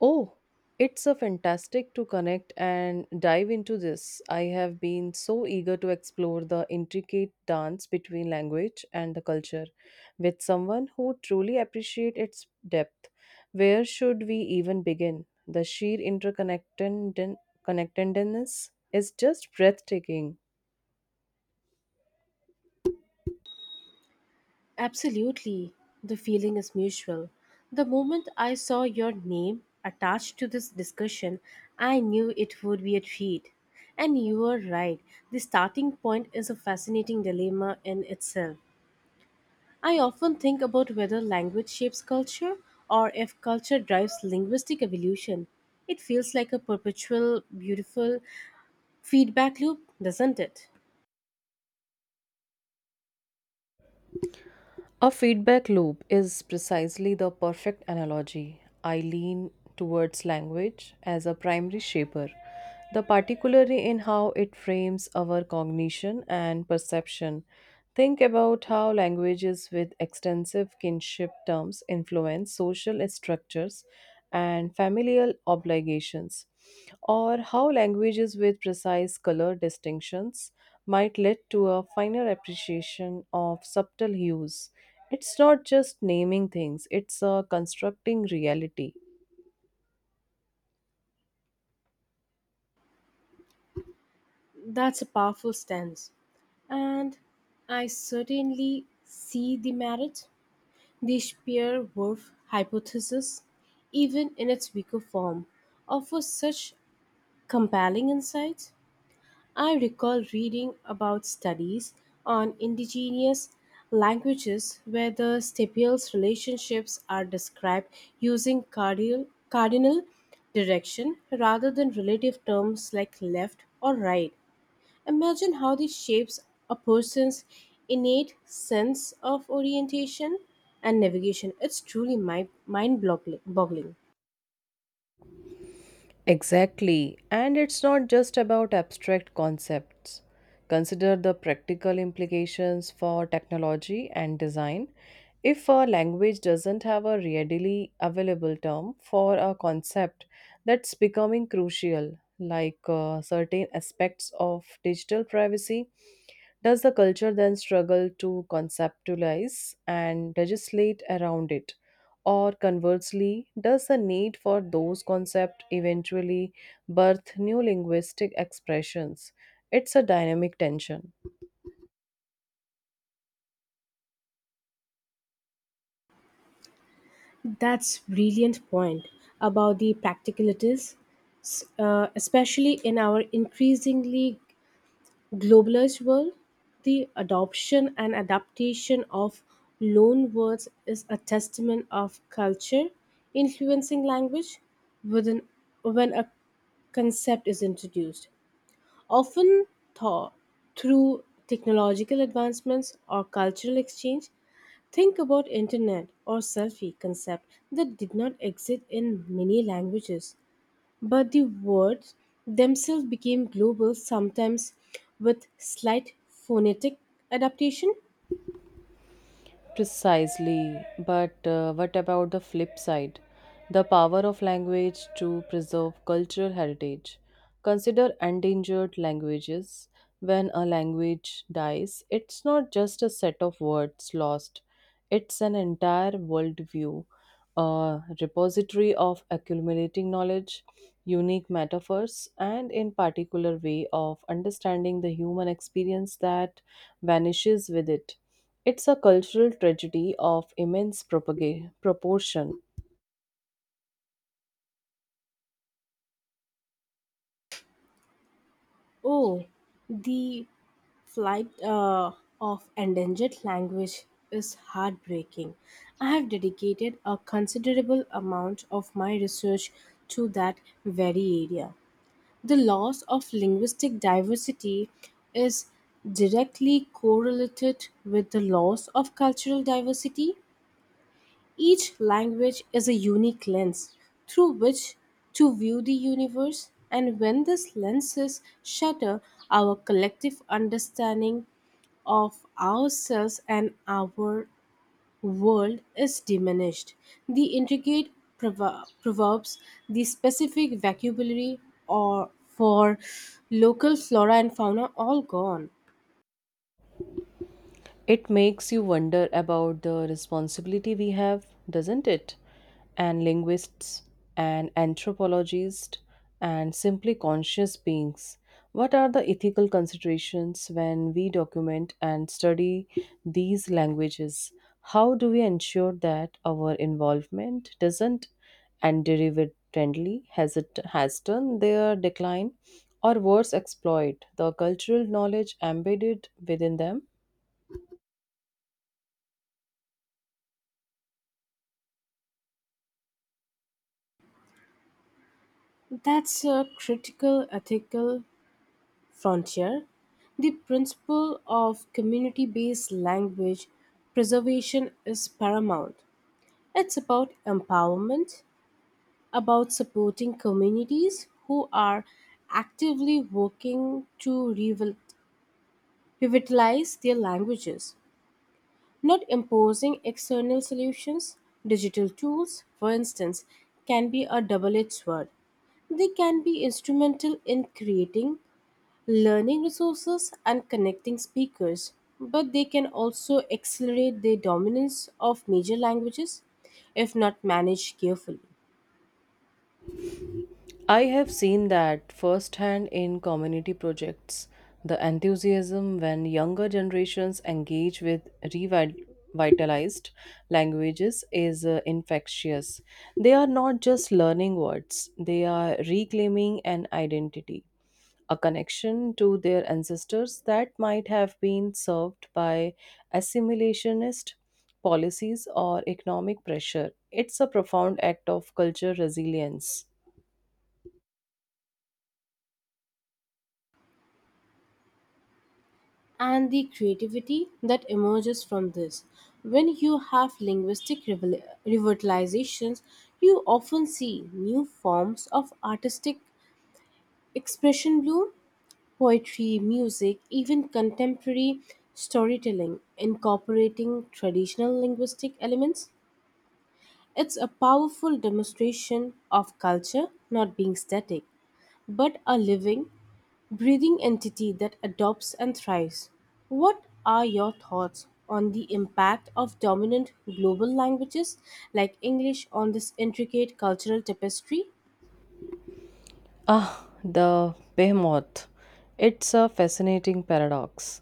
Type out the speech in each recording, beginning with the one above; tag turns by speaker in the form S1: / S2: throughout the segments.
S1: Oh, it's a fantastic to connect and dive into this. I have been so eager to explore the intricate dance between language and the culture with someone who truly appreciates its depth. Where should we even begin? The sheer interconnectedness is just breathtaking.
S2: Absolutely. The feeling is mutual. The moment I saw your name attached to this discussion, I knew it would be a treat. And you were right. The starting point is a fascinating dilemma in itself. I often think about whether language shapes culture or if culture drives linguistic evolution. It feels like a perpetual, beautiful feedback loop, doesn't it?
S1: A feedback loop is precisely the perfect analogy. I lean towards language as a primary shaper, the particularly in how it frames our cognition and perception. Think about how languages with extensive kinship terms influence social structures and familial obligations, or how languages with precise color distinctions might lead to a finer appreciation of subtle hues. It's not just naming things, it's constructing reality.
S2: That's a powerful stance. And I certainly see the merit, the Spear Whorf hypothesis, even in its weaker form, offers such compelling insights. I recall reading about studies on indigenous languages where the stipules relationships are described using cardinal direction rather than relative terms like left or right. Imagine how this shapes a person's innate sense of orientation and navigation. It's truly mind boggling.
S1: Exactly. And it's not just about abstract concepts. Consider the practical implications for technology and design. If a language doesn't have a readily available term for a concept that's becoming crucial, like certain aspects of digital privacy, does the culture then struggle to conceptualize and legislate around it? Or conversely, does the need for those concepts eventually birth new linguistic expressions? It's a dynamic tension.
S2: That's brilliant point about the practicalities, especially in our increasingly globalized world. The adoption and adaptation of loan words is a testament of culture influencing language within when a concept is introduced, often tho- through technological advancements or cultural exchange. Think about internet or selfie concept that did not exist in many languages, but the words themselves became global, sometimes with slight phonetic adaptation.
S1: Precisely, but what about the flip side? The power of language to preserve cultural heritage. Consider endangered languages. When a language dies, it's not just a set of words lost, it's an entire worldview, a repository of accumulating knowledge, unique metaphors, and in particular way of understanding the human experience that vanishes with it. It's a cultural tragedy of immense proportion.
S2: Oh, the flight of endangered language is heartbreaking. I have dedicated a considerable amount of my research to that very area. The loss of linguistic diversity is directly correlated with the loss of cultural diversity. Each language is a unique lens through which to view the universe, and when these lenses shatter, our collective understanding of ourselves and our world is diminished. The intricate proverbs, the specific vocabulary or for local flora and fauna, all gone.
S1: It makes you wonder about the responsibility we have, doesn't it? And linguists and anthropologists and simply conscious beings. What are the ethical considerations when we document and study these languages? How do we ensure that our involvement doesn't and derivatively has turned their decline or worse exploit the cultural knowledge embedded within them?
S2: That's a critical ethical frontier. The principle of community based language preservation is paramount. It's about empowerment, about supporting communities who are actively working to revitalize their languages, not imposing external solutions. Digital tools, for instance, can be a double edged sword. They can be instrumental in creating learning resources and connecting speakers, but they can also accelerate the dominance of major languages if not managed carefully.
S1: I have seen that firsthand in community projects. The enthusiasm when younger generations engage with revitalized languages is infectious. They are not just learning words, they are reclaiming an identity, a connection to their ancestors that might have been served by assimilationist policies or economic pressure. It's a profound act of culture resilience.
S2: And the creativity that emerges from this. When you have linguistic revitalizations, you often see new forms of artistic expression bloom, poetry, music, even contemporary storytelling incorporating traditional linguistic elements. It's a powerful demonstration of culture not being static, but a living, breathing entity that adopts and thrives. What are your thoughts on the impact of dominant global languages like English on this intricate cultural tapestry?
S1: Ah, the behemoth. It's a fascinating paradox.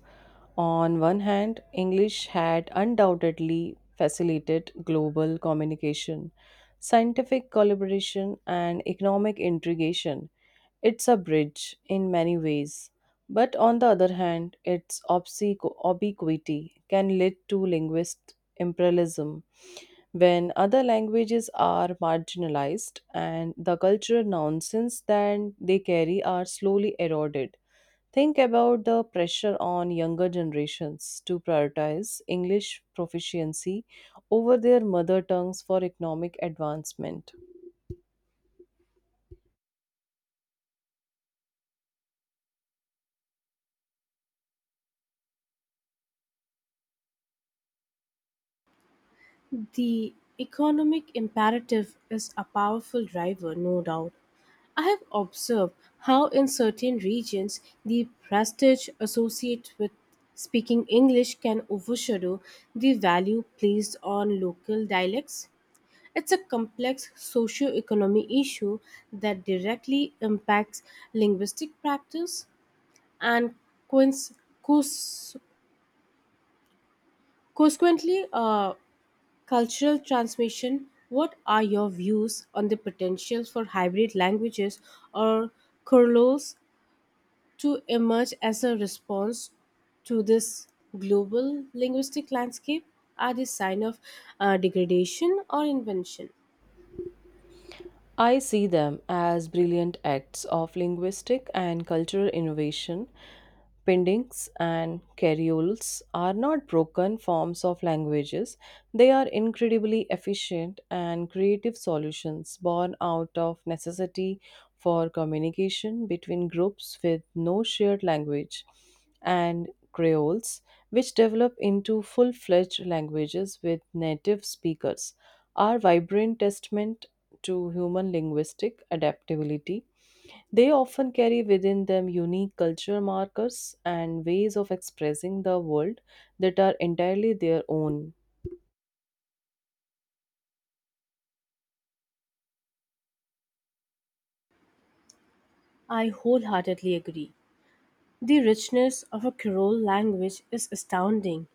S1: On one hand, English had undoubtedly facilitated global communication, scientific collaboration, and economic integration. It's a bridge in many ways. But on the other hand, its obliquity can lead to linguist imperialism when other languages are marginalized and the cultural nonsense that they carry are slowly eroded. Think about the pressure on younger generations to prioritize English proficiency over their mother tongues for economic advancement.
S2: The economic imperative is a powerful driver, no doubt. I have observed how, in certain regions, the prestige associated with speaking English can overshadow the value placed on local dialects. It's a complex socio-economic issue that directly impacts linguistic practice and coinc- cons- consequently cultural transmission. What are your views on the potential for hybrid languages or curls to emerge as a response to this global linguistic landscape? Are they sign of degradation or invention?
S1: I see them as brilliant acts of linguistic and cultural innovation. Pendings and carioles are not broken forms of languages. They are incredibly efficient and creative solutions born out of necessity for communication between groups with no shared language. And creoles, which develop into full fledged languages with native speakers, are vibrant testament to human linguistic adaptability. They often carry within them unique cultural markers and ways of expressing the world that are entirely their own.
S2: I wholeheartedly agree. The richness of a Creole language is astounding.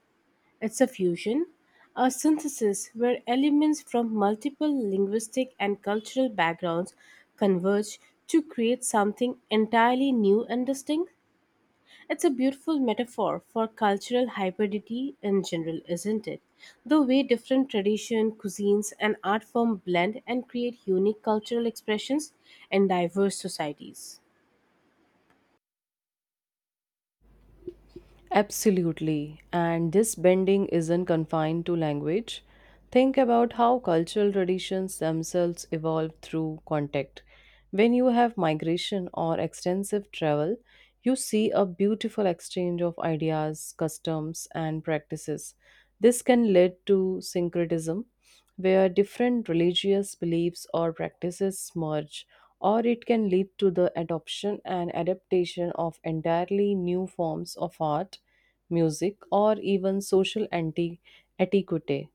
S2: It's a fusion, a synthesis where elements from multiple linguistic and cultural backgrounds converge to create something entirely new and distinct. It's a beautiful metaphor for cultural hybridity in general, isn't it? The way different tradition, cuisines, and art form blend and create unique cultural expressions in diverse societies.
S1: Absolutely. And this bending isn't confined to language. Think about how cultural traditions themselves evolve through contact. When you have migration or extensive travel, you see a beautiful exchange of ideas, customs, and practices. This can lead to syncretism, where different religious beliefs or practices merge, or it can lead to the adoption and adaptation of entirely new forms of art, music, or even etiquette.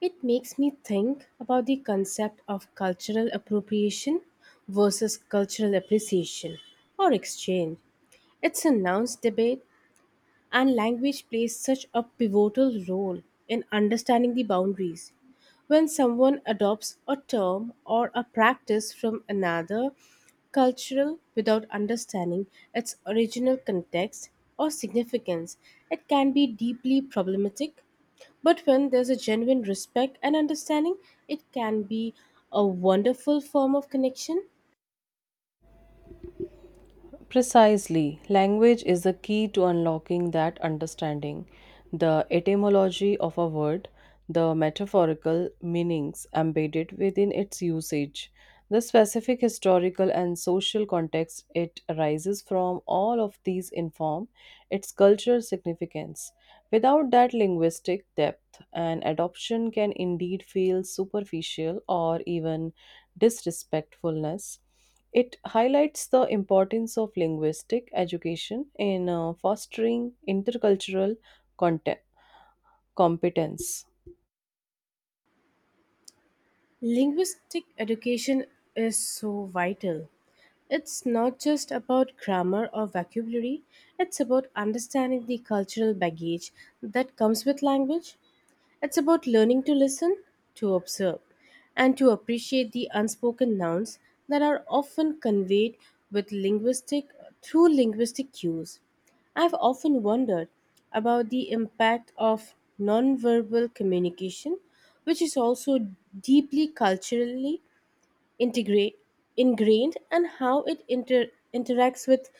S2: It makes me think about the concept of cultural appropriation versus cultural appreciation or exchange. It's a nuanced debate, and language plays such a pivotal role in understanding the boundaries. When someone adopts a term or a practice from another cultural without understanding its original context or significance, it can be deeply problematic. But when there's a genuine respect and understanding, it can be a wonderful form of connection.
S1: Precisely, language is the key to unlocking that understanding. The etymology of a word, the metaphorical meanings embedded within its usage, the specific historical and social context it arises from, all of these inform its cultural significance. Without that linguistic depth, an adoption can indeed feel superficial or even disrespectfulness. It highlights the importance of linguistic education in fostering intercultural content- competence.
S2: Linguistic education is so vital. It's not just about grammar or vocabulary, it's about understanding the cultural baggage that comes with language. It's about learning to listen, to observe, and to appreciate the unspoken nouns that are often conveyed with linguistic through linguistic cues. I've often wondered about the impact of nonverbal communication, which is also deeply culturally integrate, ingrained, and how it interacts with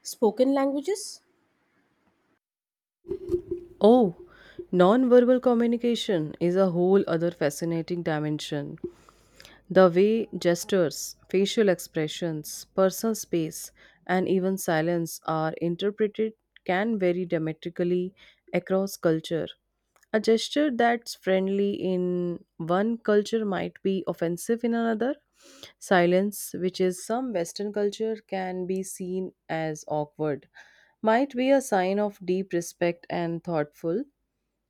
S2: spoken languages.
S1: Oh, nonverbal communication is a whole other fascinating dimension. The way gestures, facial expressions, personal space, and even silence are interpreted can vary dramatically across culture. A gesture that's friendly in one culture might be offensive in another. Silence, which is some Western culture can be seen as awkward, might be a sign of deep respect and thoughtful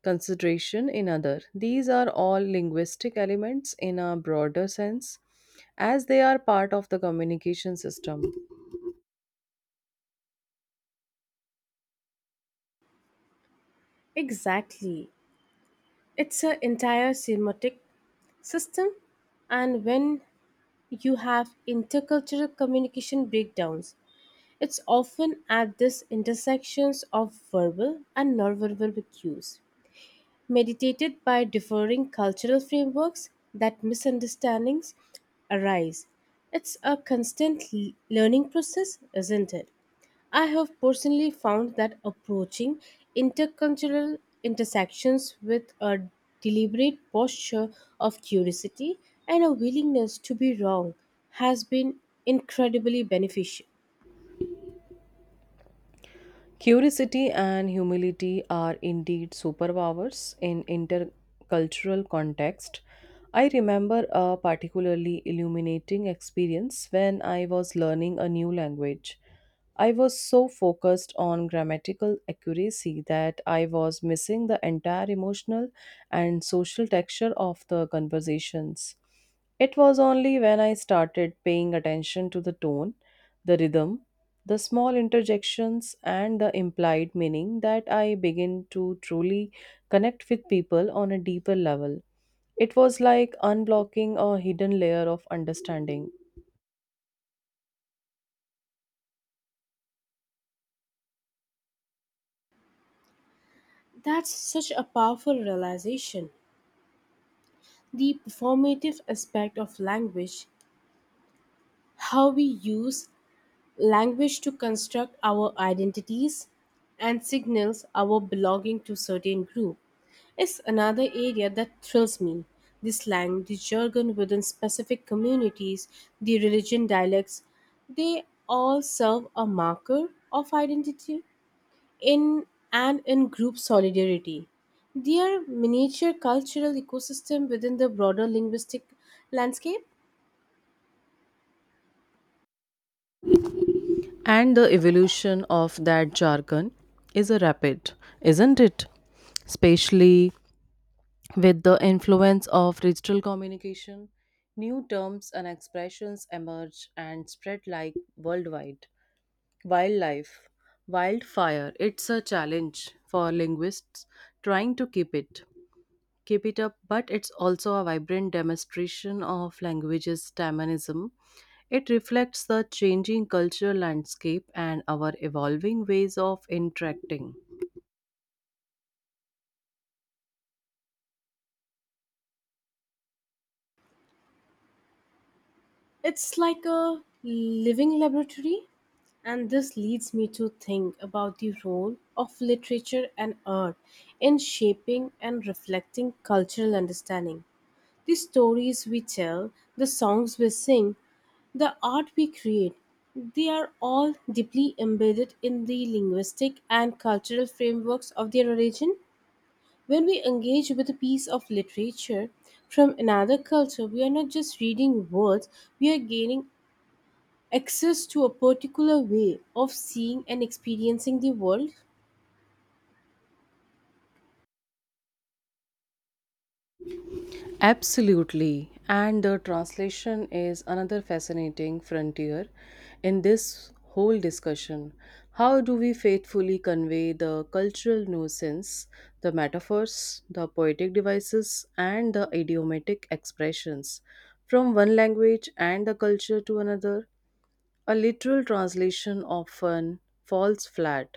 S1: consideration in other. These are all linguistic elements in a broader sense as they are part of the communication system.
S2: Exactly. It's an entire semiotic system, and when you have intercultural communication breakdowns, it's often at this intersections of verbal and nonverbal cues, mediated by differing cultural frameworks, that misunderstandings arise. It's a constant learning process, isn't it? I have personally found that approaching intercultural intersections with a deliberate posture of curiosity and a willingness to be wrong has been incredibly beneficial.
S1: Curiosity and humility are indeed superpowers in intercultural context. I remember a particularly illuminating experience when I was learning a new language. I was so focused on grammatical accuracy that I was missing the entire emotional and social texture of the conversations. It was only when I started paying attention to the tone, the rhythm, the small interjections, and the implied meaning that I began to truly connect with people on a deeper level. It was like unblocking a hidden layer of understanding.
S2: That's such a powerful realization. The performative aspect of language, how we use language to construct our identities and signals our belonging to certain group, is another area that thrills me. The slang, the jargon within specific communities, the religion dialects, they all serve a marker of identity in and in group solidarity. They are miniature cultural ecosystem within the broader linguistic landscape.
S1: And the evolution of that jargon is a rapid, isn't it? Especially with the influence of digital communication, new terms and expressions emerge and spread like worldwide. Wildlife, wildfire, it's a challenge for linguists trying to keep it up, but it's also a vibrant demonstration of language's dynamism. It reflects the changing cultural landscape and our evolving ways of interacting.
S2: It's like a living laboratory, and this leads me to think about the role of literature and art in shaping and reflecting cultural understanding. The stories we tell, the songs we sing, the art we create, they are all deeply embedded in the linguistic and cultural frameworks of their origin. When we engage with a piece of literature from another culture, we are not just reading words, we are gaining access to a particular way of seeing and experiencing the world.
S1: Absolutely. And the translation is another fascinating frontier in this whole discussion. How do we faithfully convey the cultural nuisance, the metaphors, the poetic devices, and the idiomatic expressions from one language and the culture to another? A literal translation often falls flat,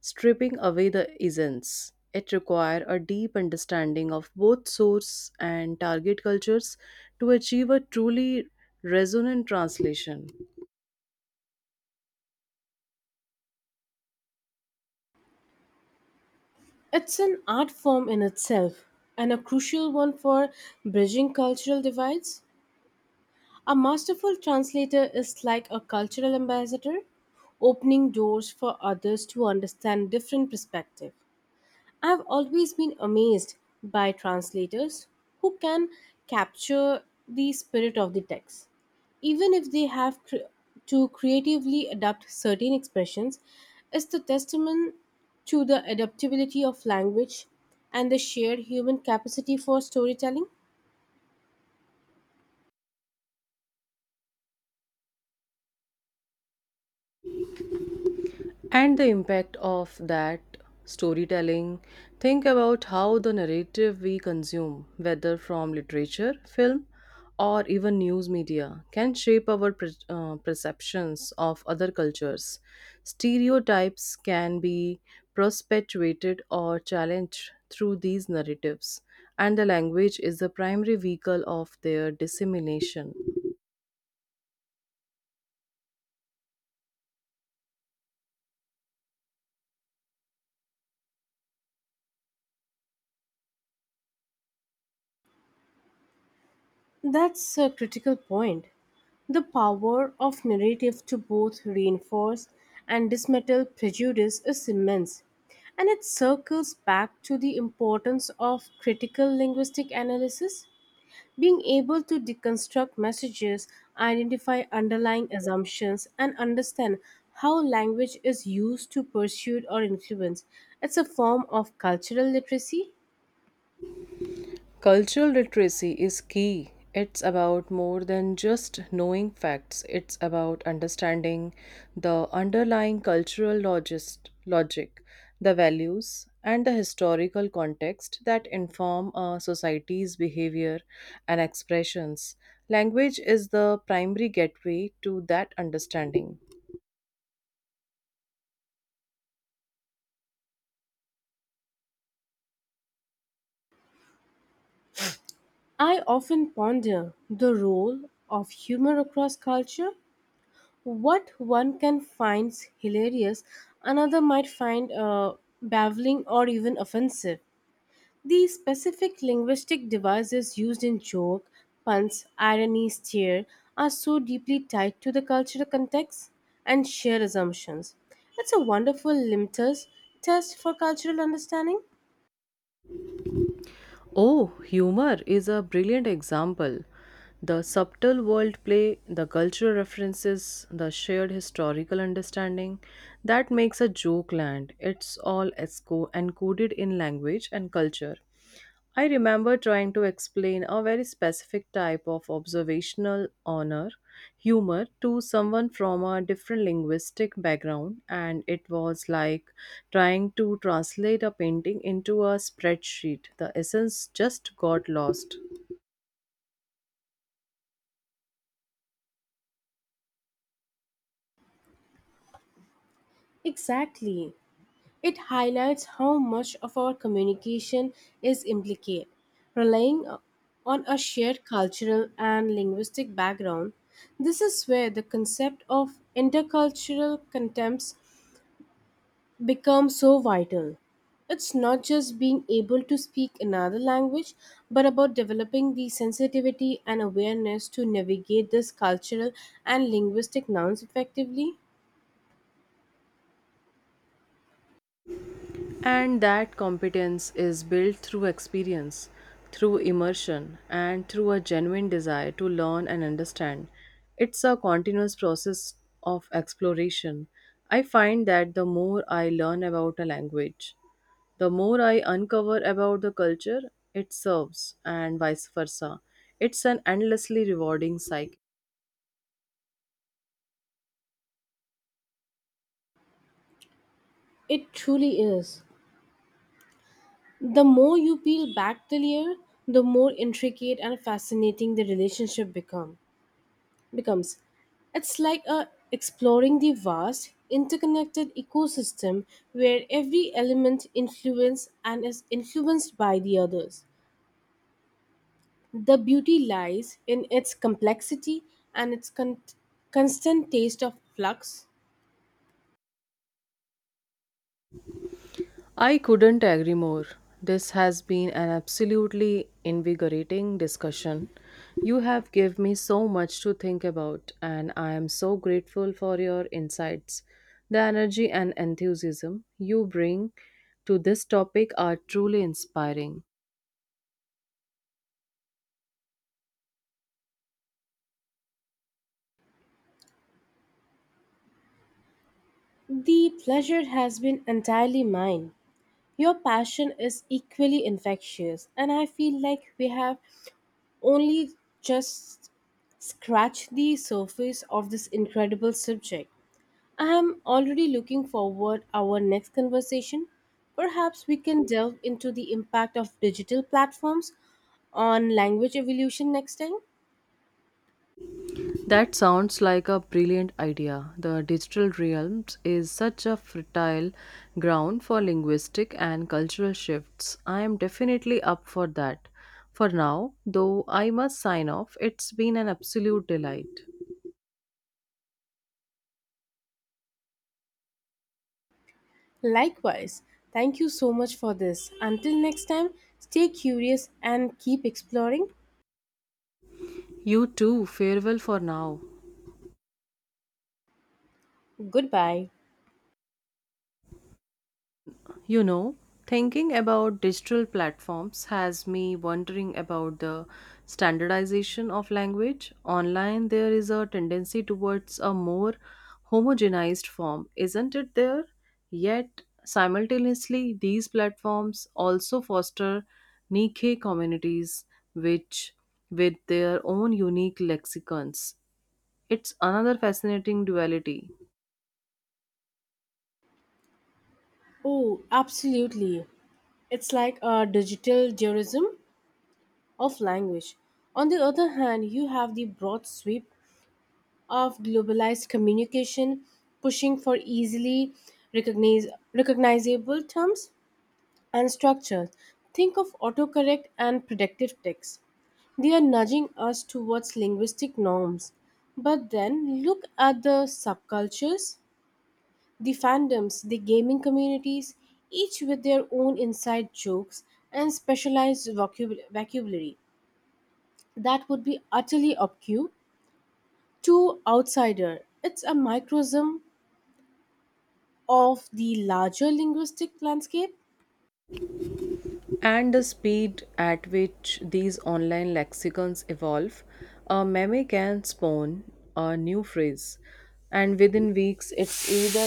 S1: stripping away the essence. It requires a deep understanding of both source and target cultures to achieve a truly resonant translation.
S2: It's an art form in itself, and a crucial one for bridging cultural divides. A masterful translator is like a cultural ambassador, opening doors for others to understand different perspectives. I've always been amazed by translators who can capture the spirit of the text, even if they have to creatively adapt certain expressions, is the testament to the adaptability of language and the shared human capacity for storytelling.
S1: And the impact of that storytelling. Think about how the narrative we consume, whether from literature, film, or even news media, can shape our perceptions of other cultures. Stereotypes can be perpetuated or challenged through these narratives, and the language is the primary vehicle of their dissemination.
S2: That's a critical point. The power of narrative to both reinforce and dismantle prejudice is immense, and it circles back to the importance of critical linguistic analysis. Being able to deconstruct messages, identify underlying assumptions, and understand how language is used to persuade or influence. It's a form of cultural literacy.
S1: Cultural literacy is key. It's about more than just knowing facts, it's about understanding the underlying cultural logic, the values, and the historical context that inform a society's behavior and expressions. Language is the primary gateway to that understanding.
S2: I often ponder the role of humor across culture. What one can find hilarious, another might find baffling or even offensive. The specific linguistic devices used in joke, puns, irony, sneer, are so deeply tied to the cultural context and shared assumptions. It's a wonderful litmus test for cultural understanding.
S1: Oh, humor is a brilliant example. The subtle wordplay, the cultural references, the shared historical understanding that makes a joke land. It's all encoded in language and culture. I remember trying to explain a very specific type of observational honor humor to someone from a different linguistic background, and it was like trying to translate a painting into a spreadsheet. The essence just got lost.
S2: Exactly. It highlights how much of our communication is implicated, relying on a shared cultural and linguistic background. This is where the concept of intercultural contempts becomes so vital. It's not just being able to speak another language, but about developing the sensitivity and awareness to navigate this cultural and linguistic nouns effectively.
S1: And that competence is built through experience, through immersion, and through a genuine desire to learn and understand. It's a continuous process of exploration. I find that the more I learn about a language, the more I uncover about the culture it serves, and vice versa. It's an endlessly rewarding cycle.
S2: It truly is. The more you peel back the layer, the more intricate and fascinating the relationship becomes. It's like exploring the vast, interconnected ecosystem where every element influence and is influenced by the others. The beauty lies in its complexity and its constant taste of flux.
S1: I couldn't agree more. This has been an absolutely invigorating discussion. You have given me so much to think about, and I am so grateful for your insights. The energy and enthusiasm you bring to this topic are truly inspiring.
S2: The pleasure has been entirely mine. Your passion is equally infectious, and I feel like we have only just scratched the surface of this incredible subject. I am already looking forward our next conversation. Perhaps we can delve into the impact of digital platforms on language evolution next time.
S1: That sounds like a brilliant idea. The digital realms is such a fertile ground for linguistic and cultural shifts. I am definitely up for that. For now, though, I must sign off. It's been an absolute delight.
S2: Likewise, thank you so much for this. Until next time, stay curious and keep exploring.
S1: You too, farewell for now.
S2: Goodbye.
S1: You know, thinking about digital platforms has me wondering about the standardization of language. Online, there is a tendency towards a more homogenized form, isn't it there? Yet, simultaneously, these platforms also foster niche communities, which with their own unique lexicons. It's another fascinating duality.
S2: Oh, absolutely. It's like a digital tourism of language. On the other hand, you have the broad sweep of globalized communication pushing for easily recognize, recognizable terms and structures. Think of autocorrect and predictive text. They are nudging us towards linguistic norms. But then look at the subcultures, the fandoms, the gaming communities, each with their own inside jokes and specialized vocabulary. That would be utterly obscure to outsider. It's a microcosm of the larger linguistic landscape.
S1: And the speed at which these online lexicons evolve, a meme can spawn a new phrase, and within weeks it's either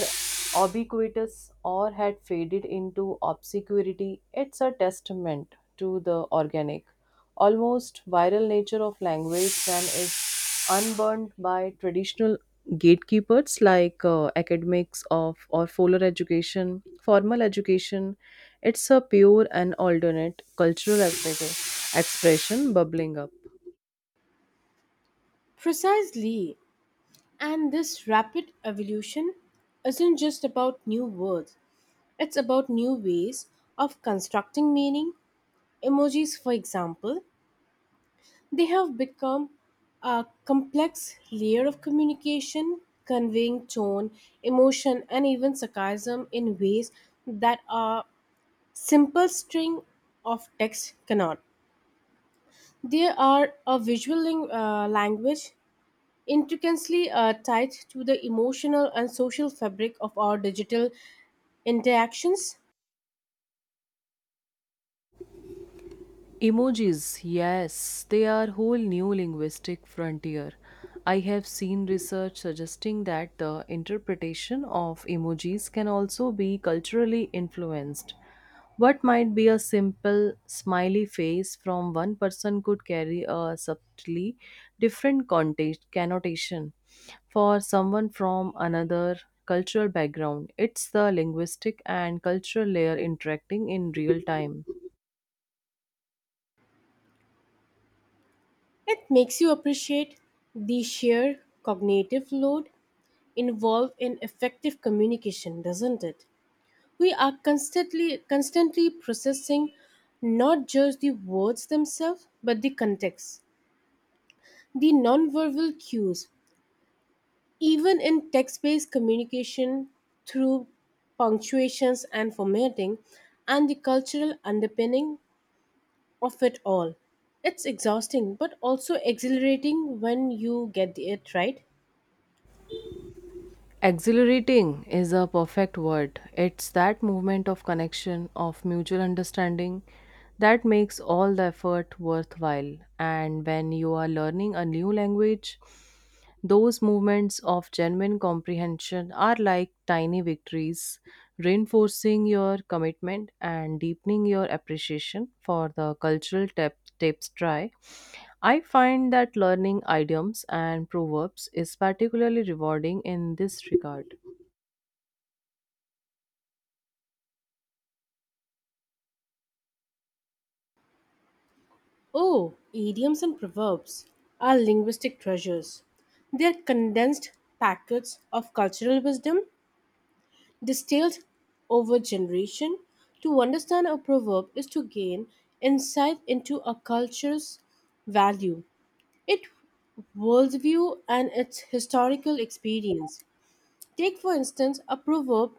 S1: ubiquitous or had faded into obscurity. It's a testament to the organic, almost viral nature of language and its unburdened by traditional gatekeepers like academics of or formal education. It's a pure and alternate cultural expression bubbling up.
S2: Precisely. And this rapid evolution isn't just about new words. It's about new ways of constructing meaning. Emojis, for example, they have become a complex layer of communication, conveying tone, emotion, and even sarcasm in ways that are simple string of text cannot. They are a visual language intricately tied to the emotional and social fabric of our digital interactions.
S1: Emojis, yes, they are whole new linguistic frontier. I have seen research suggesting that the interpretation of emojis can also be culturally influenced. What might be a simple smiley face from one person could carry a subtly different context connotation for someone from another cultural background. It's the linguistic and cultural layer interacting in real time.
S2: It makes you appreciate the sheer cognitive load involved in effective communication, doesn't it? We are constantly processing not just the words themselves but the context, the nonverbal cues, even in text based communication, through punctuations and formatting, and the cultural underpinning of it all. It's exhausting but also exhilarating when you get it right.
S1: Exhilarating is a perfect word. It's that movement of connection, of mutual understanding that makes all the effort worthwhile. And when you are learning a new language, those movements of genuine comprehension are like tiny victories, reinforcing your commitment and deepening your appreciation for the cultural tapestry. I find that learning idioms and proverbs is particularly rewarding in this regard.
S2: Oh, idioms and proverbs are linguistic treasures. They're condensed packets of cultural wisdom distilled over generation. To understand a proverb is to gain insight into a culture's value, its worldview and its historical experience. Take, for instance, a proverb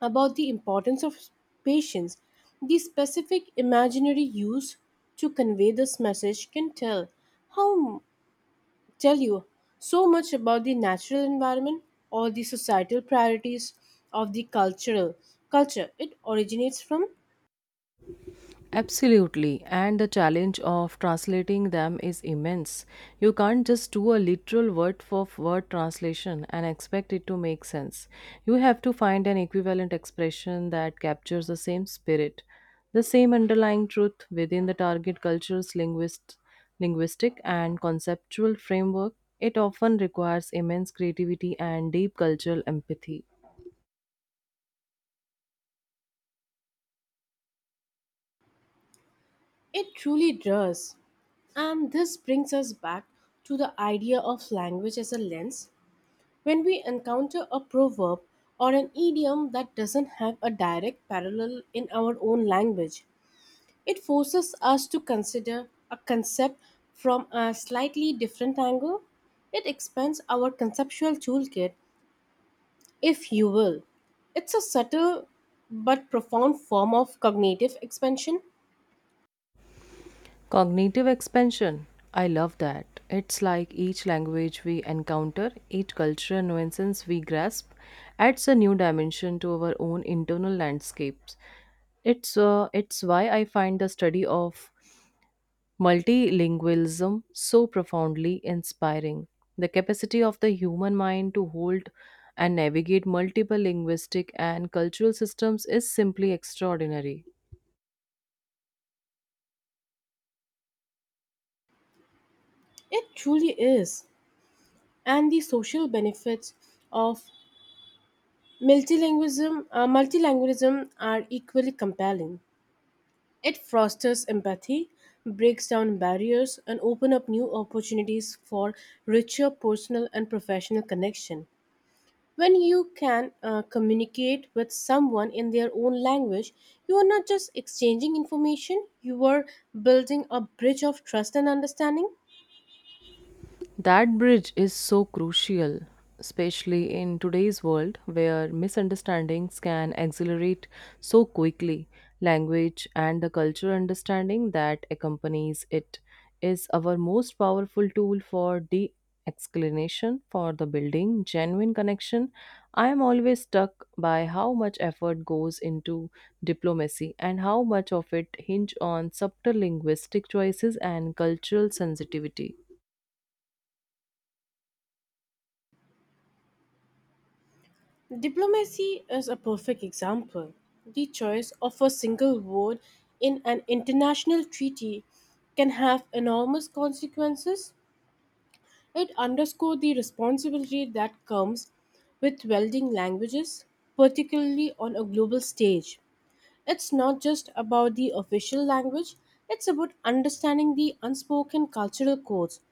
S2: about the importance of patience. The specific imaginary use to convey this message can tell how tell you so much about the natural environment or the societal priorities of the cultural culture it originates from.
S1: Absolutely, and the challenge of translating them is immense. You can't just do a literal word for word translation and expect it to make sense. You have to find an equivalent expression that captures the same spirit, the same underlying truth within the target culture's linguistic and conceptual framework. It often requires immense creativity and deep cultural empathy.
S2: It truly does. And this brings us back to the idea of language as a lens. When we encounter a proverb or an idiom that doesn't have a direct parallel in our own language, it forces us to consider a concept from a slightly different angle. It expands our conceptual toolkit, if you will. It's a subtle but profound form of cognitive expansion.
S1: Cognitive expansion. I love that. It's like each language we encounter, each cultural nuisance we grasp, adds a new dimension to our own internal landscapes. It's why I find the study of multilingualism so profoundly inspiring. The capacity of the human mind to hold and navigate multiple linguistic and cultural systems is simply extraordinary.
S2: It truly is. And the social benefits of multilingualism are equally compelling. It fosters empathy, breaks down barriers, and opens up new opportunities for richer personal and professional connection. When you can communicate with someone in their own language, you are not just exchanging information, you are building a bridge of trust and understanding.
S1: That bridge is so crucial, especially in today's world where misunderstandings can accelerate so quickly. Language and the cultural understanding that accompanies it is our most powerful tool for de explanation for the building genuine connection. I am always struck by how much effort goes into diplomacy and how much of it hinge on subtle linguistic choices and cultural sensitivity.
S2: Diplomacy is a perfect example. The choice of a single word in an international treaty can have enormous consequences. It underscored the responsibility that comes with welding languages, particularly on a global stage. It's not just about the official language, it's about understanding the unspoken cultural codes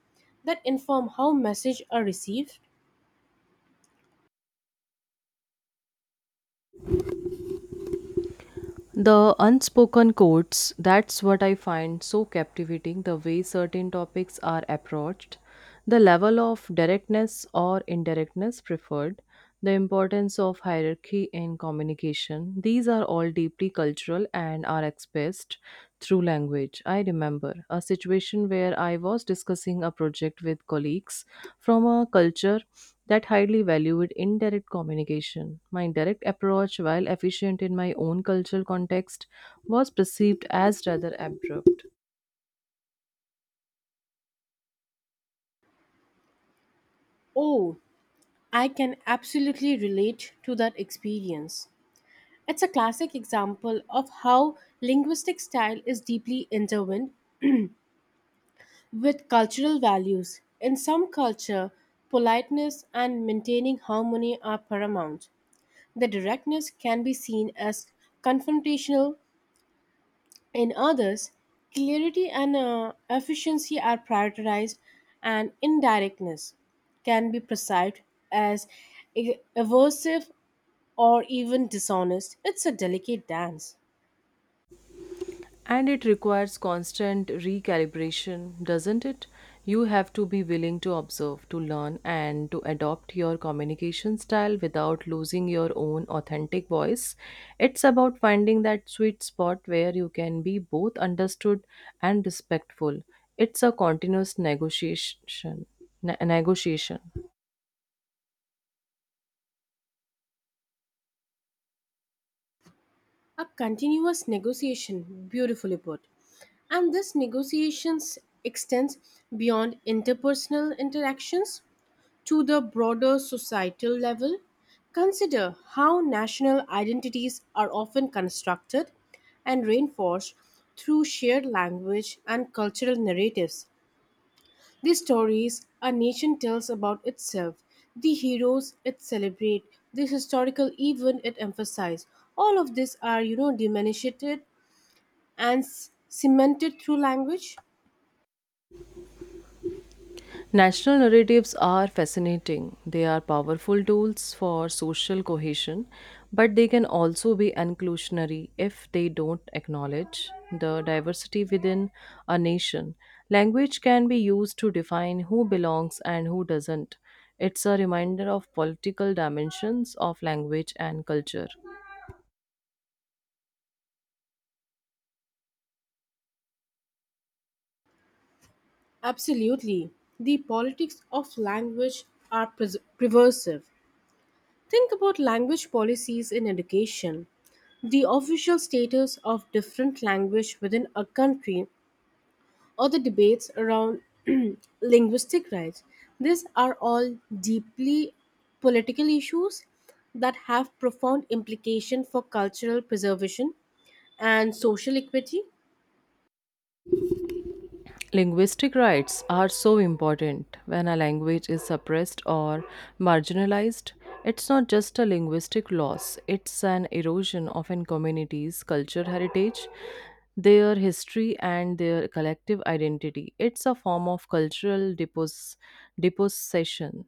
S2: that inform how messages are received.
S1: The unspoken codes, that's what I find so captivating the way certain topics are approached, the level of directness or indirectness preferred, the importance of hierarchy in communication. These are all deeply cultural and are expressed through language. I remember a situation where I was discussing a project with colleagues from a culture that highly valued indirect communication. My direct approach, while efficient in my own cultural context, was perceived as rather abrupt.
S2: Oh, I can absolutely relate to that experience. It's a classic example of how linguistic style is deeply intertwined with cultural values. In some culture, politeness and maintaining harmony are paramount. The directness can be seen as confrontational. In others, clarity and efficiency are prioritized, and indirectness can be perceived as aversive or even dishonest. It's a delicate dance.
S1: And it requires constant recalibration, doesn't it? You have to be willing to observe, to learn, and to adopt your communication style without losing your own authentic voice. It's about finding that sweet spot where you can be both understood and respectful. It's a continuous negotiation.
S2: A continuous negotiation, beautifully put. And this negotiations extends beyond interpersonal interactions to the broader societal level. Consider how national identities are often constructed and reinforced through shared language and cultural narratives. These stories a nation tells about itself, the heroes it celebrates, the historical event it emphasizes. All of these are, diminished and cemented through language.
S1: National narratives are fascinating. They are powerful tools for social cohesion, but they can also be inclusionary if they don't acknowledge the diversity within a nation. Language can be used to define who belongs and who doesn't. It's a reminder of political dimensions of language and culture.
S2: Absolutely. The politics of language are pervasive. Think about language policies in education. The official status of different language within a country or the debates around linguistic rights. These are all deeply political issues that have profound implication for cultural preservation and social equity.
S1: Linguistic rights are so important. When a language is suppressed or marginalized, it's not just a linguistic loss, it's an erosion of an community's culture heritage, their history, and their collective identity. It's a form of depossession.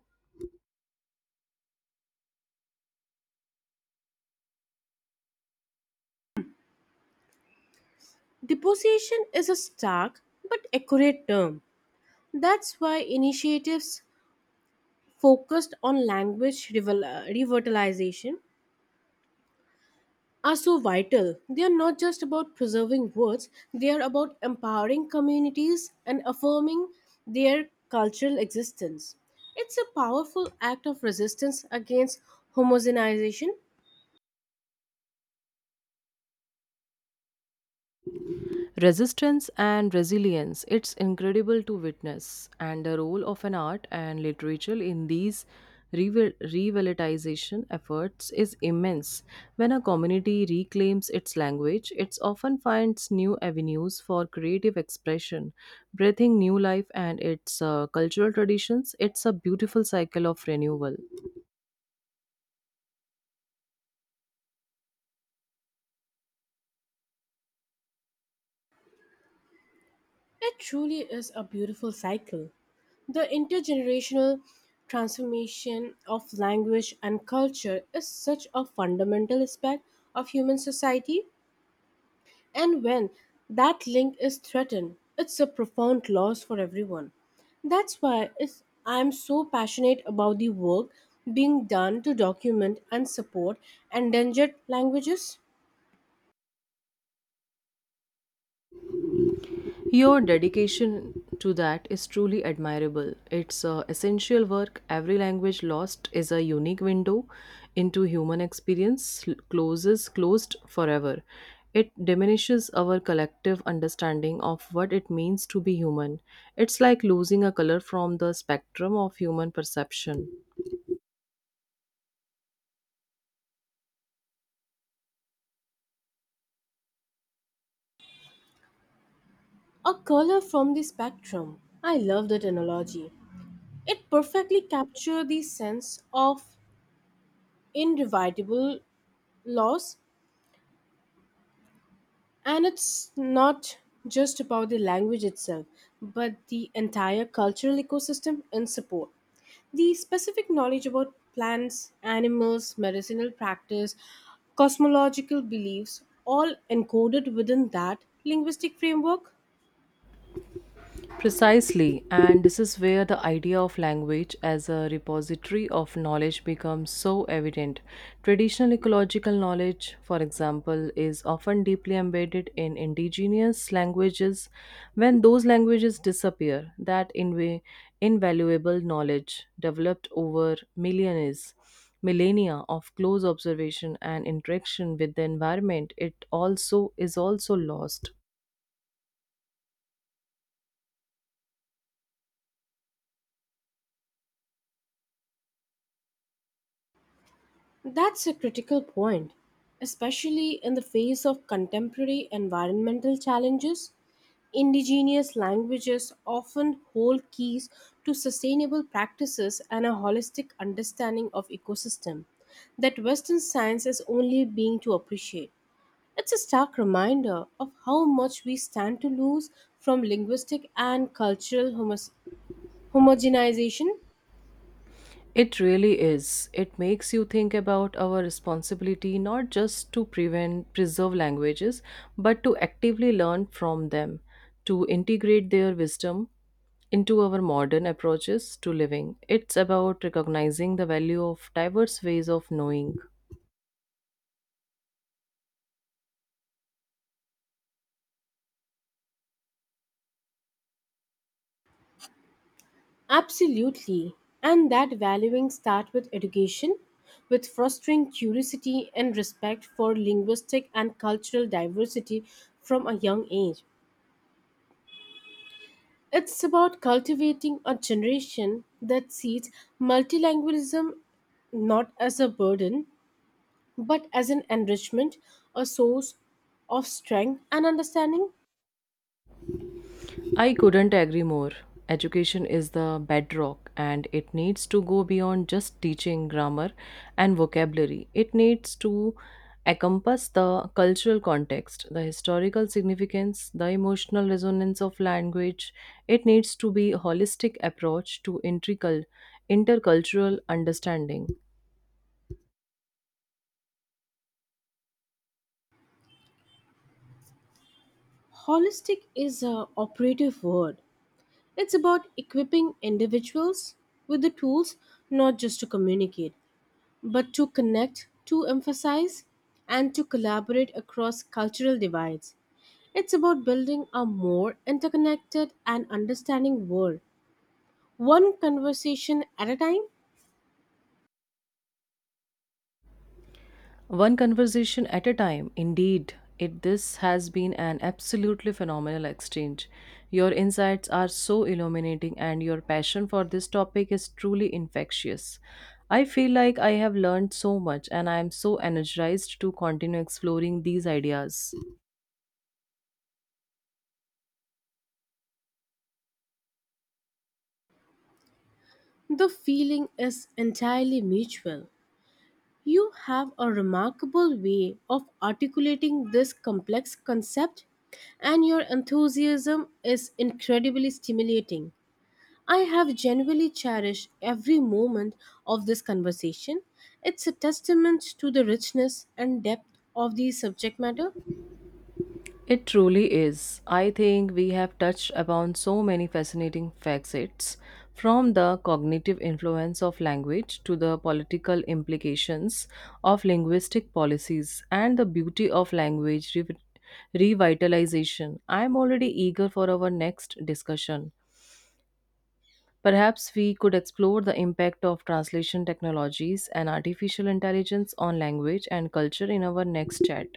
S2: Deposition is a stark but accurate term. That's why initiatives focused on language revitalization are so vital. They are not just about preserving words, they are about empowering communities and affirming their cultural existence. It's a powerful act of resistance against homogenization.
S1: Resistance and resilience, it's incredible to witness, and the role of an art and literature in these revitalization efforts is immense. When a community reclaims its language, it often finds new avenues for creative expression, breathing new life and its cultural traditions. It's a beautiful cycle of renewal.
S2: It truly is a beautiful cycle. The intergenerational transformation of language and culture is such a fundamental aspect of human society. And when that link is threatened, it's a profound loss for everyone. That's why I'm so passionate about the work being done to document and support endangered languages.
S1: Your dedication to that is truly admirable. It's essential work. Every language lost is a unique window into human experience, l- closes closed forever. It diminishes our collective understanding of what it means to be human. It's like losing a color from the spectrum of human perception.
S2: A color from the spectrum. I love that analogy. It perfectly captures the sense of indivisible loss, and it's not just about the language itself, but the entire cultural ecosystem in support. The specific knowledge about plants, animals, medicinal practice, cosmological beliefs, all encoded within that linguistic framework,
S1: Precisely, and this is where the idea of language as a repository of knowledge becomes so evident. Traditional ecological knowledge, for example, is often deeply embedded in indigenous languages. When those languages disappear, that invaluable knowledge developed over millionaires millennia of close observation and interaction with the environment it also is also lost.
S2: that's a critical point, especially in the face of contemporary environmental challenges. Indigenous languages often hold keys to sustainable practices and a holistic understanding of ecosystem that Western science is only being to appreciate. It's a stark reminder of how much we stand to lose from linguistic and cultural homogenization.
S1: It really is. It makes you think about our responsibility not just to prevent preserve languages, but to actively learn from them, to integrate their wisdom into our modern approaches to living. It's about recognizing the value of diverse ways of knowing.
S2: Absolutely. And that valuing start with education, with fostering curiosity and respect for linguistic and cultural diversity from a young age. It's about cultivating a generation that sees multilingualism not as a burden but as an enrichment, a source of strength and understanding.
S1: I couldn't agree more. Education is the bedrock and it needs to go beyond just teaching grammar and vocabulary. It needs to encompass the cultural context, the historical significance, the emotional resonance of language. It needs to be a holistic approach to intercultural understanding.
S2: Holistic is a operative word. It's about equipping individuals with the tools not just to communicate, but to connect, to emphasize, and to collaborate across cultural divides. It's about building a more interconnected and understanding world, one conversation at a time.
S1: One conversation at a time, indeed. It this has been an absolutely phenomenal exchange. Your insights are so illuminating and your passion for this topic is truly infectious. I feel like I have learned so much and I am so energized to continue exploring these ideas.
S2: The feeling is entirely mutual. You have a remarkable way of articulating this complex concept, and your enthusiasm is incredibly stimulating. I have genuinely cherished every moment of this conversation. It's a testament to the richness and depth of the subject matter.
S1: It truly is. I think we have touched upon so many fascinating facets from the cognitive influence of language to the political implications of linguistic policies and the beauty of revitalization. I am already eager for our next discussion. Perhaps we could explore the impact of translation technologies and artificial intelligence on language and culture in our next chat.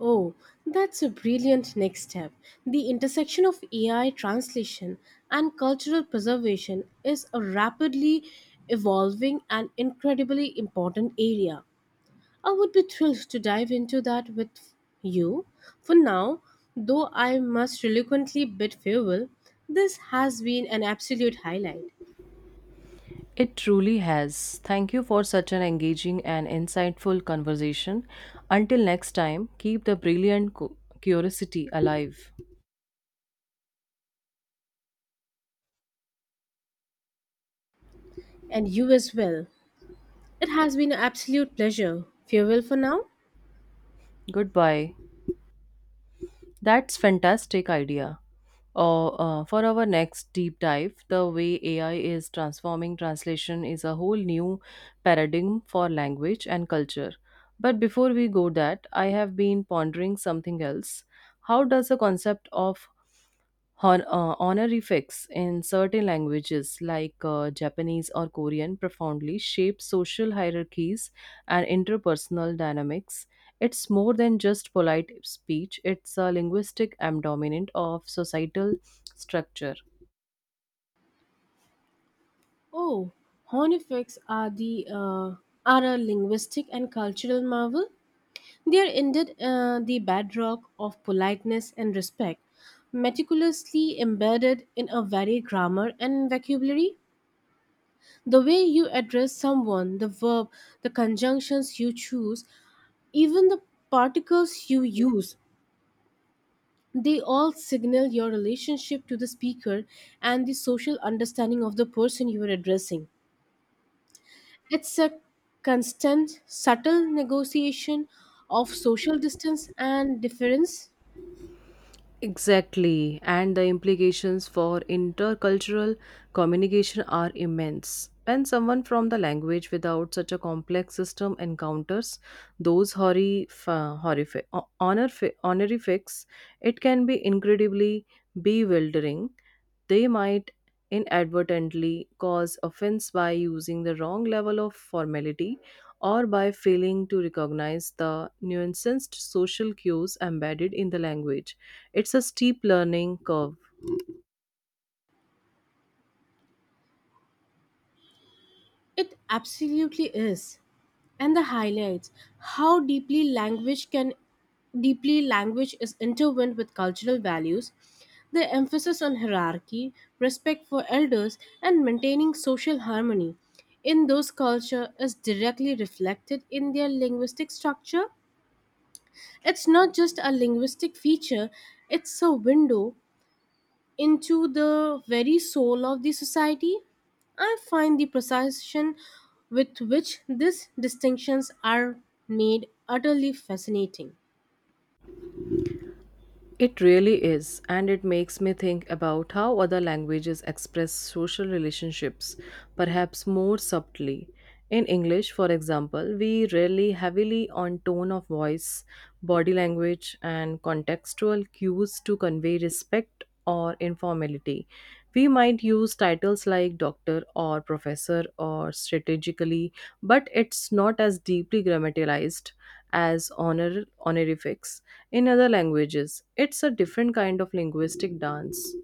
S2: Oh, that's a brilliant next step. The intersection of AI translation and cultural preservation is a rapidly evolving and incredibly important area. I would be thrilled to dive into that with you. For now, though I must reluctantly bid farewell, this has been an absolute highlight.
S1: It truly has. Thank you for such an engaging and insightful conversation. Until next time, keep the brilliant curiosity alive.
S2: And you as well. It has been an absolute pleasure. Farewell for now.
S1: Goodbye. That's fantastic idea. Or for our next deep dive, the way AI is transforming translation is a whole new paradigm for language and culture. But before we go that, I have been pondering something else. How does the concept of honorifics in certain languages like Japanese or Korean profoundly shape social hierarchies and interpersonal dynamics. It's more than just polite speech, it's a linguistic abdominant of societal structure.
S2: Oh, honeyfix are the are a linguistic and cultural marvel. They are indeed the bedrock of politeness and respect, meticulously embedded in a varied grammar and vocabulary. The way you address someone, the verb, the conjunctions you choose, even the particles you use, they all signal your relationship to the speaker and the social understanding of the person you are addressing. It's a constant, subtle negotiation of social distance and difference.
S1: Exactly, and the implications for intercultural communication are immense. When someone from the language without such a complex system encounters those honorifics, it can be incredibly bewildering. They might inadvertently cause offense by using the wrong level of formality or by failing to recognize the nuanced social cues embedded in the language. It's a steep learning curve.
S2: It absolutely is. And the highlights how deeply language is intertwined with cultural values. The emphasis on hierarchy, respect for elders, and maintaining social harmony in those culture is directly reflected in their linguistic structure. It's not just a linguistic feature, it's a window into the very soul of the society. I find the precision with which these distinctions are made utterly fascinating.
S1: It really is, and it makes me think about how other languages express social relationships, perhaps more subtly. In English, for example, we rely heavily on tone of voice, body language, and contextual cues to convey respect or informality. We might use titles like doctor or professor or strategically, but it's not as deeply grammaticalized as honorifics in other languages, it's a different kind of linguistic dance.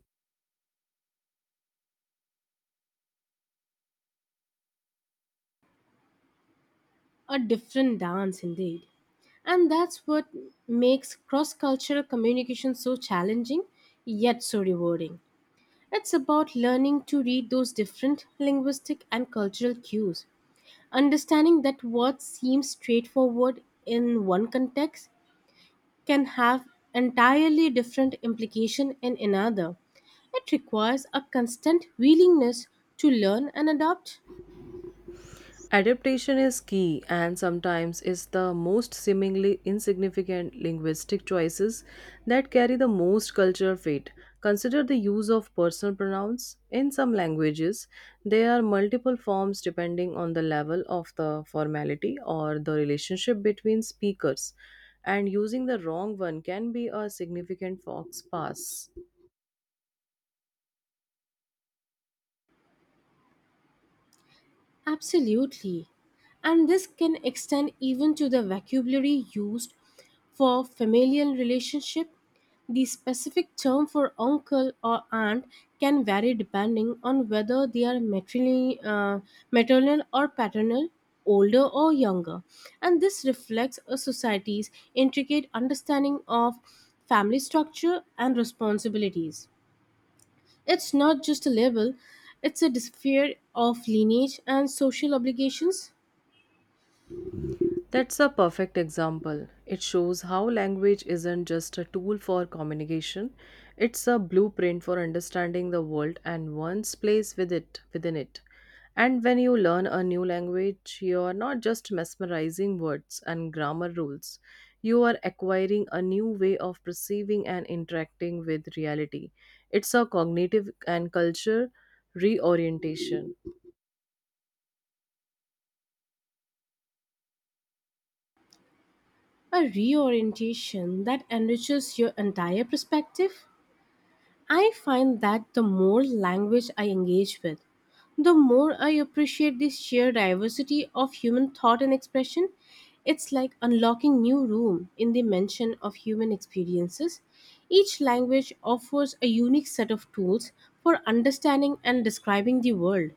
S2: A different dance indeed. And that's what makes cross cultural communication so challenging yet so rewarding. It's about learning to read those different linguistic and cultural cues, understanding that what seems straightforward in one context can have entirely different implication in another. It requires a constant willingness to learn and adapt.
S1: Adaptation is key and sometimes it's the most seemingly insignificant linguistic choices that carry the most cultural weight. Consider the use of personal pronouns. In some languages, there are multiple forms depending on the level of the formality or the relationship between speakers, and using the wrong one can be a significant fox pass.
S2: Absolutely. And this can extend even to the vocabulary used for familial relationship. The specific term for uncle or aunt can vary depending on whether they are maternal or paternal, older or younger. And this reflects a society's intricate understanding of family structure and responsibilities. It's not just a label, it's a dis- of lineage and social obligations,
S1: That's a perfect example. It shows how language isn't just a tool for communication, it's a blueprint for understanding the world and one's place within it. And when you learn a new language, you are not just mesmerizing words and grammar rules. You are acquiring a new way of perceiving and interacting with reality. It's a cognitive and culture reorientation.
S2: a reorientation that enriches your entire perspective. I find that the more language I engage with, the more I appreciate this sheer diversity of human thought and expression. It's like unlocking new room in the dimension of human experiences. Each language offers a unique set of tools for understanding and describing the world.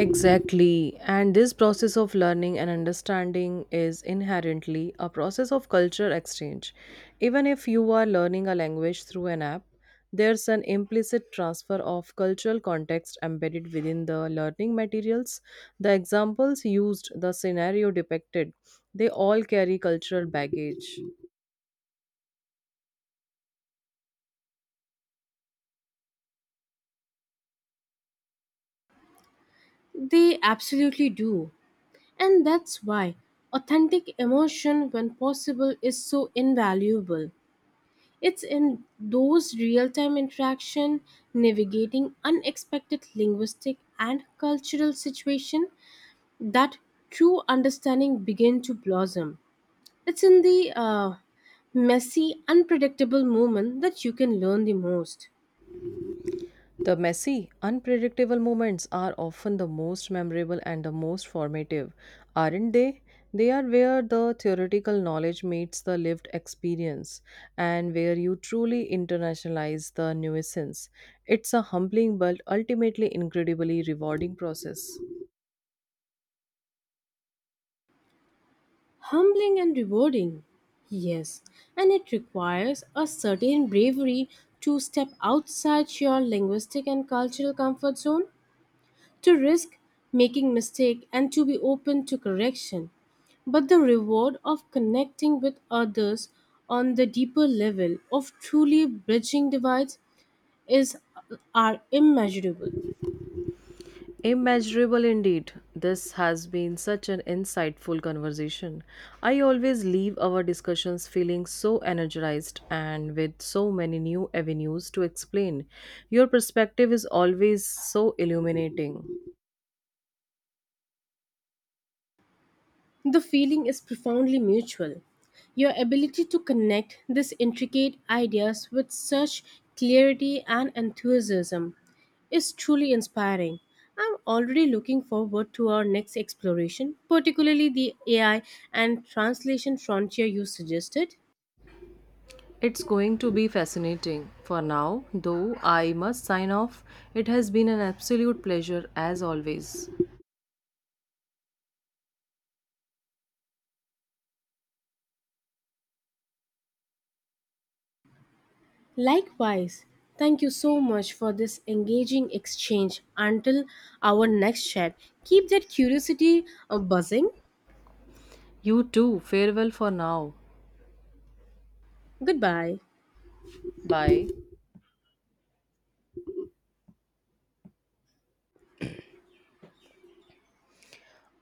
S1: Exactly. And this process of learning and understanding is inherently a process of culture exchange. Even if you are learning a language through an app, there's an implicit transfer of cultural context embedded within the learning materials. The examples used, the scenario depicted, they all carry cultural baggage.
S2: They absolutely do. And that's why authentic emotion, when possible, is so invaluable. It's in those real time interaction, navigating unexpected linguistic and cultural situation that true understanding begin to blossom. It's in the messy, unpredictable moment that you can learn the most.
S1: The messy, unpredictable moments are often the most memorable and the most formative, aren't they? They are where the theoretical knowledge meets the lived experience and where you truly internationalize the nuisance. It's a humbling but ultimately incredibly rewarding process.
S2: Humbling and rewarding, yes, and it requires a certain bravery to step outside your linguistic and cultural comfort zone, to risk making mistake and to be open to correction. But the reward of connecting with others on the deeper level of truly bridging divides is are immeasurable.
S1: Immeasurable indeed. This has been such an insightful conversation. I always leave our discussions feeling so energized and with so many new avenues to explain. Your perspective is always so illuminating.
S2: The feeling is profoundly mutual. Your ability to connect these intricate ideas with such clarity and enthusiasm is truly inspiring. I'm already looking forward to our next exploration, particularly the AI and translation frontier you suggested.
S1: It's going to be fascinating. For now, though, I must sign off. It has been an absolute pleasure as always.
S2: Likewise, thank you so much for this engaging exchange. Until our next chat, keep that curiosity buzzing.
S1: You too. Farewell for now.
S2: Goodbye.
S1: Bye.